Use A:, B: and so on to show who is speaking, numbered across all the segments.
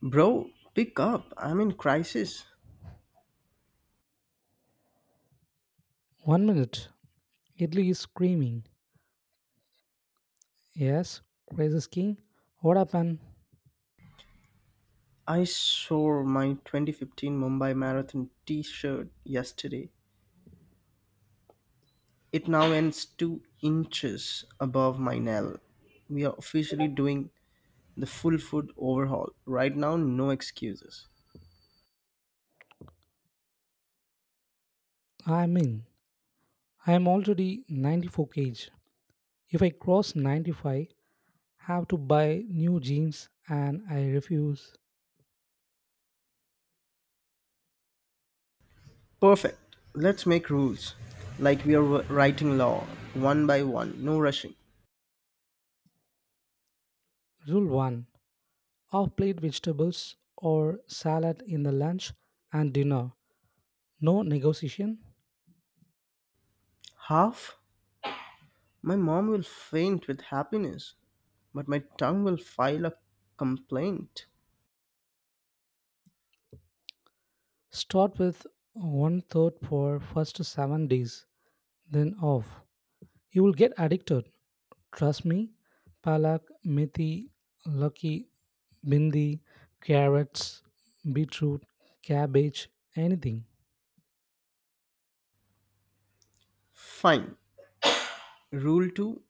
A: Bro, pick up. I'm in crisis.
B: One minute, Italy is screaming. Yes, crisis king. What happened?
A: I saw my 2015 Mumbai Marathon t shirt yesterday. It now ends 2 inches above my navel. We are officially doing the full foot overhaul. Right now, no excuses.
B: I'm in. I'm already 94 kg. If I cross 95, have to buy new jeans and I refuse.
A: Perfect. Let's make rules. Like we are writing law, one by one, no rushing.
B: Rule 1. Off-plate vegetables or salad in the lunch and dinner. No negotiation.
A: Half? My mom will faint with happiness, but my tongue will file a complaint.
B: Start with one third for first 7 days, then off. You will get addicted. Trust me, palak, methi, lucky, bindi, carrots, beetroot, cabbage, anything.
A: Fine. Rule 2.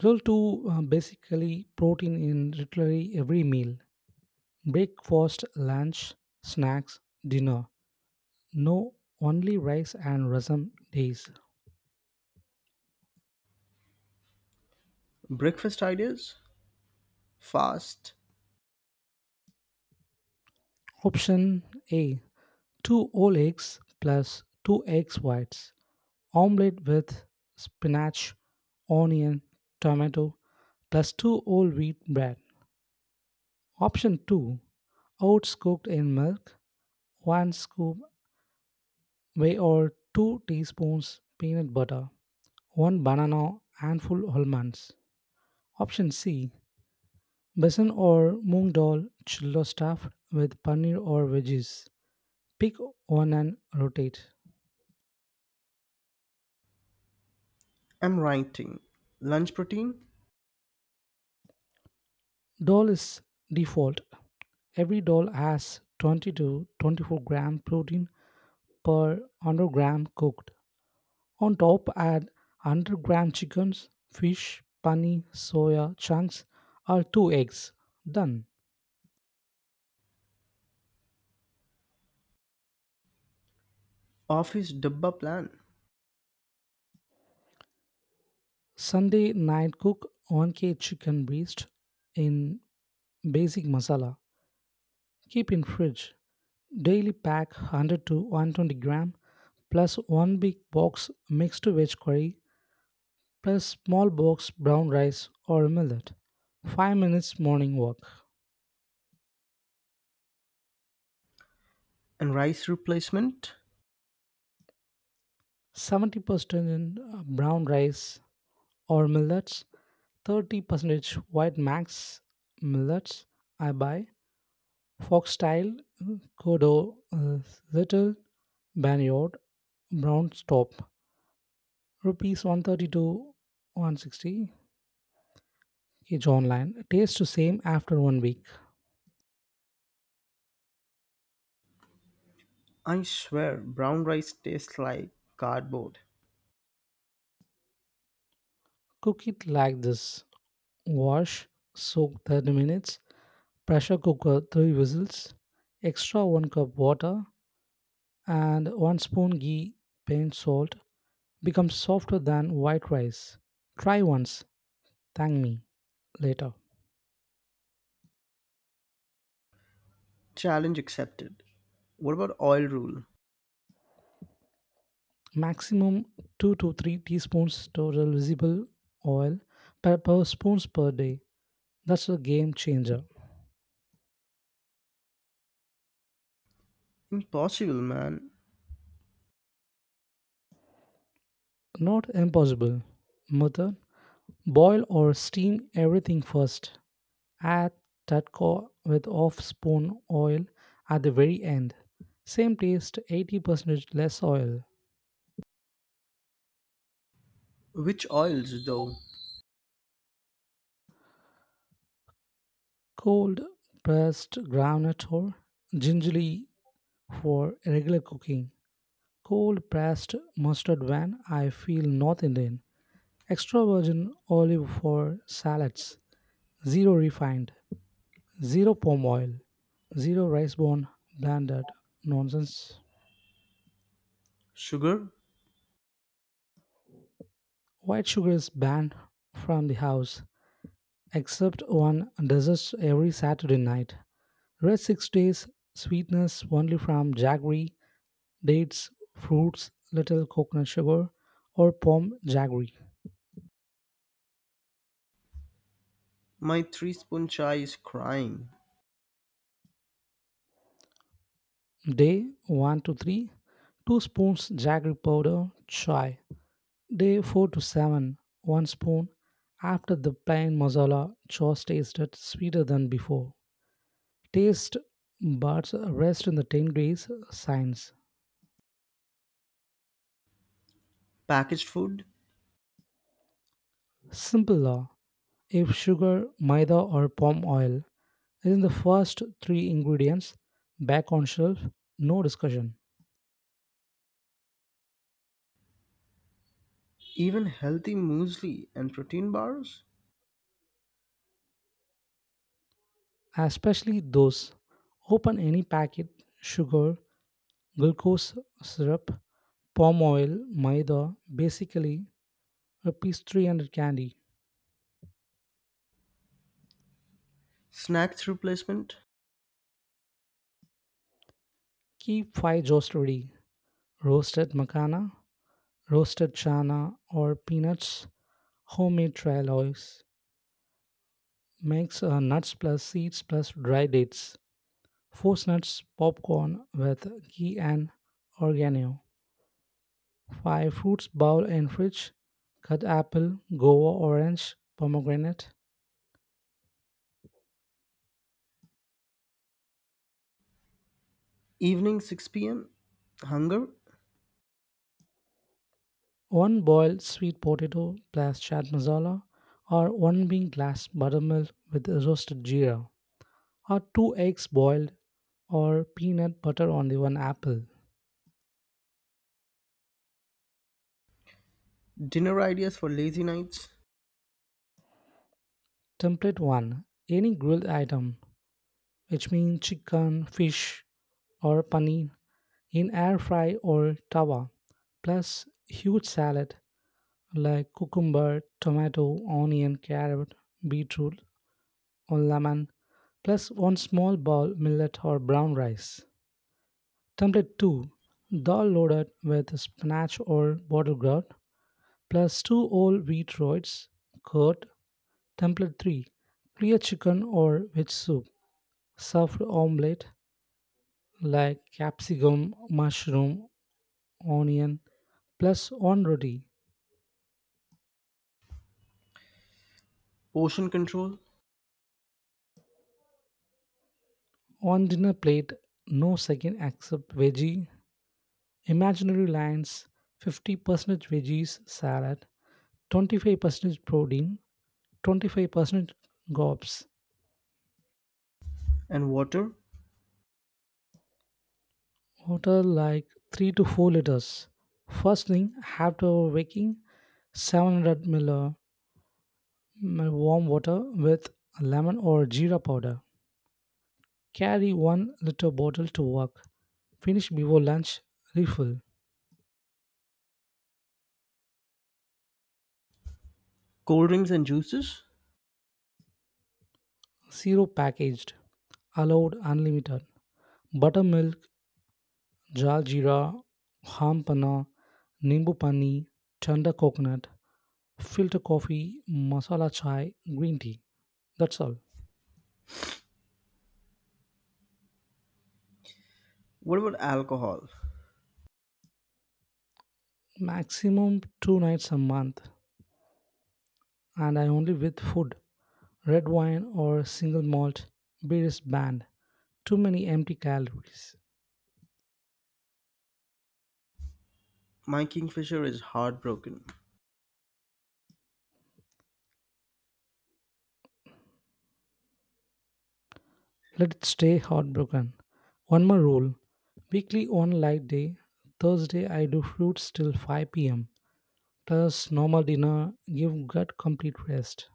B: Rule 2, basically protein in literally every meal. Breakfast, lunch, snacks, dinner. No only rice and rasam days.
A: Breakfast ideas, fast,
B: Option A, 2 whole eggs plus 2 eggs whites. Omelette with spinach, onion, tomato, plus two whole wheat bread. Option 2, oats cooked in milk, 1 scoop whey or 2 teaspoons peanut butter, 1 banana, handful almonds. Option C, besan or moong dal chillo stuffed with paneer or veggies. Pick one and rotate.
A: am writing, lunch protein,
B: Dal is default. Every dal has 20 to 24 gram protein per 100-gram cooked. On top, add 100-gram chickens, fish, paneer, soya chunks, or two eggs. Done.
A: office dabba plan,
B: Sunday night cook 1K chicken breast in basic masala. Keep in fridge. Daily pack 100 to 120 gram plus one big box mixed veg curry plus small box brown rice or millet. 5 minutes morning walk.
A: and rice replacement.
B: 70% in brown rice or millets, 30 percentage white max. Millets I buy: foxtail, kodo, uh, little, banyod, brown. Stop, rupees 132 160 each online, tastes the same after one week.
A: I swear, brown rice tastes like cardboard.
B: Cook it like this: wash, soak 30 minutes, pressure cooker 3 whistles, extra 1 cup water and 1 spoon ghee, paint salt, becomes softer than white rice. Try once, thank me later.
A: Challenge accepted. What about oil rule?
B: Maximum 2 to 3 teaspoons total visible oil per spoons per day. That's a game changer.
A: Impossible, man.
B: Not impossible. Method: boil or steam everything first. Add tatko with half spoon oil at the very end. Same taste, 80% less oil.
A: Which oils, though?
B: Cold pressed groundnut or gingerly for regular cooking, cold pressed mustard when I feel North Indian, extra virgin olive for salads, zero refined, zero palm oil, zero rice bone blended nonsense.
A: Sugar?
B: White sugar is banned from the house, except one desserts every Saturday night. Rest 6 days, sweetness only from jaggery, dates, fruits, little coconut sugar, or palm jaggery.
A: My three spoon chai is crying.
B: Day 1 to 3, 2 spoons jaggery powder chai. Day 4 to 7, 1 spoon, after the plain masala sauce tasted sweeter than before. Taste buds rest in the 10 degrees signs.
A: Packaged food?
B: Simple law. If sugar, maida or palm oil is in the first three ingredients, back on shelf, no discussion.
A: Even healthy muesli and protein bars?
B: Especially those. Open any packet: sugar, glucose syrup, palm oil, maida, basically a pastry and a candy.
A: Snacks replacement?
B: Keep five jars ready: roasted macana, roasted chana, or peanuts, homemade trail oils. Mix nuts plus seeds plus dry dates. Force nuts popcorn with ghee and oregano. 5. Fruits bowl and fridge. Cut apple, guava, orange, pomegranate.
A: Evening 6 p.m.? Hunger?
B: One boiled sweet potato plus chaat masala, or one bean glass buttermilk with roasted jeera, or two eggs boiled, or peanut butter on the one apple.
A: Dinner ideas for lazy nights,
B: Template 1: any grilled item, which means chicken, fish, or paneer, in air fry or tawa, plus huge salad like cucumber, tomato, onion, carrot, beetroot, or lemon, plus one small bowl millet or brown rice. Template 2: dal loaded with spinach or watercress plus 2 whole wheat roids, curd. Template 3: clear chicken or veg soup, stuffed omelette like capsicum, mushroom, onion, plus one roti.
A: portion control
B: On dinner plate, no second except veggie. Imaginary lines: 50% veggies salad, 25% protein, 25% carbs.
A: and water,
B: Water like 3 to 4 liters. First thing, after waking, 700 ml warm water with lemon or jeera powder. Carry 1 liter bottle to work. Finish before lunch, refill.
A: cold drinks and juices.
B: Zero packaged. Allowed unlimited: buttermilk, jal jeera, ham panna, nimbu pani, tender coconut, filter coffee, masala chai, green tea. That's all.
A: What about alcohol?
B: Maximum two nights a month, and I only with food, red wine or single malt. Beer is banned. Too many empty calories.
A: My kingfisher is heartbroken.
B: Let it stay heartbroken. One more rule: weekly one light day. Thursday I do fruits till 5 p.m. Plus normal dinner. Give gut complete rest.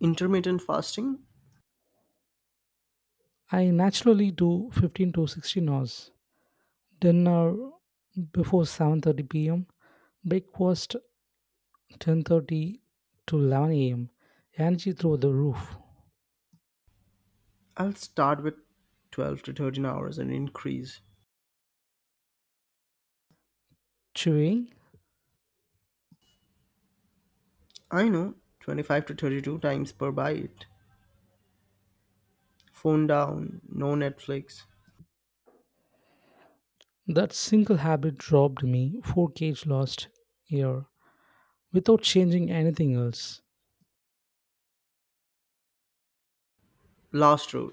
A: Intermittent fasting?
B: I naturally do 15 to 16 hours. Dinner before 7:30 p.m. Breakfast 10:30 to 11 a.m. Energy through the roof.
A: I'll start with 12 to 13 hours and increase.
B: Chewing.
A: I know, 25 to 32 times per bite. Phone down, no Netflix.
B: That single habit robbed me 4 kg last year without changing anything else.
A: Last rule.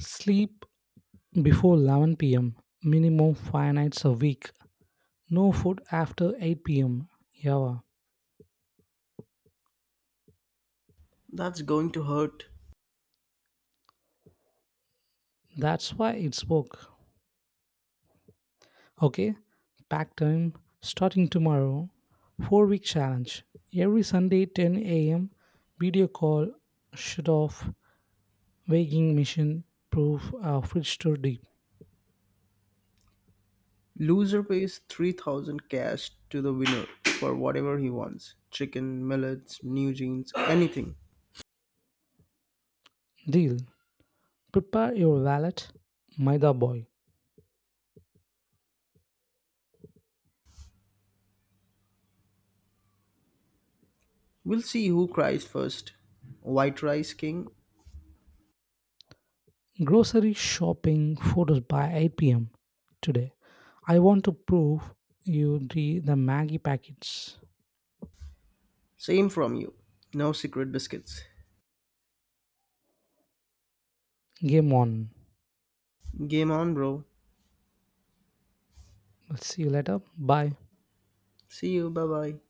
B: Sleep before 11 p.m. Minimum 5 nights a week. No food after 8 p.m. Yeah,
A: That's going to hurt.
B: that's why it's work. Okay, pack time starting tomorrow. 4-week challenge. Every Sunday 10 a.m. video call, shut off. Weighing machine proof a fridge to de-
A: Loser pays 3,000 cash to the winner for whatever he wants chicken, millets, new jeans, anything.
B: deal. Prepare your wallet, Maida boy.
A: We'll see who cries first. White Rice King,
B: Grocery shopping photos by 8 p.m. today. I want to prove you the Maggie packets.
A: same from you. No secret biscuits.
B: Game on.
A: Game on, bro.
B: I'll see you later. Bye.
A: See you. Bye bye.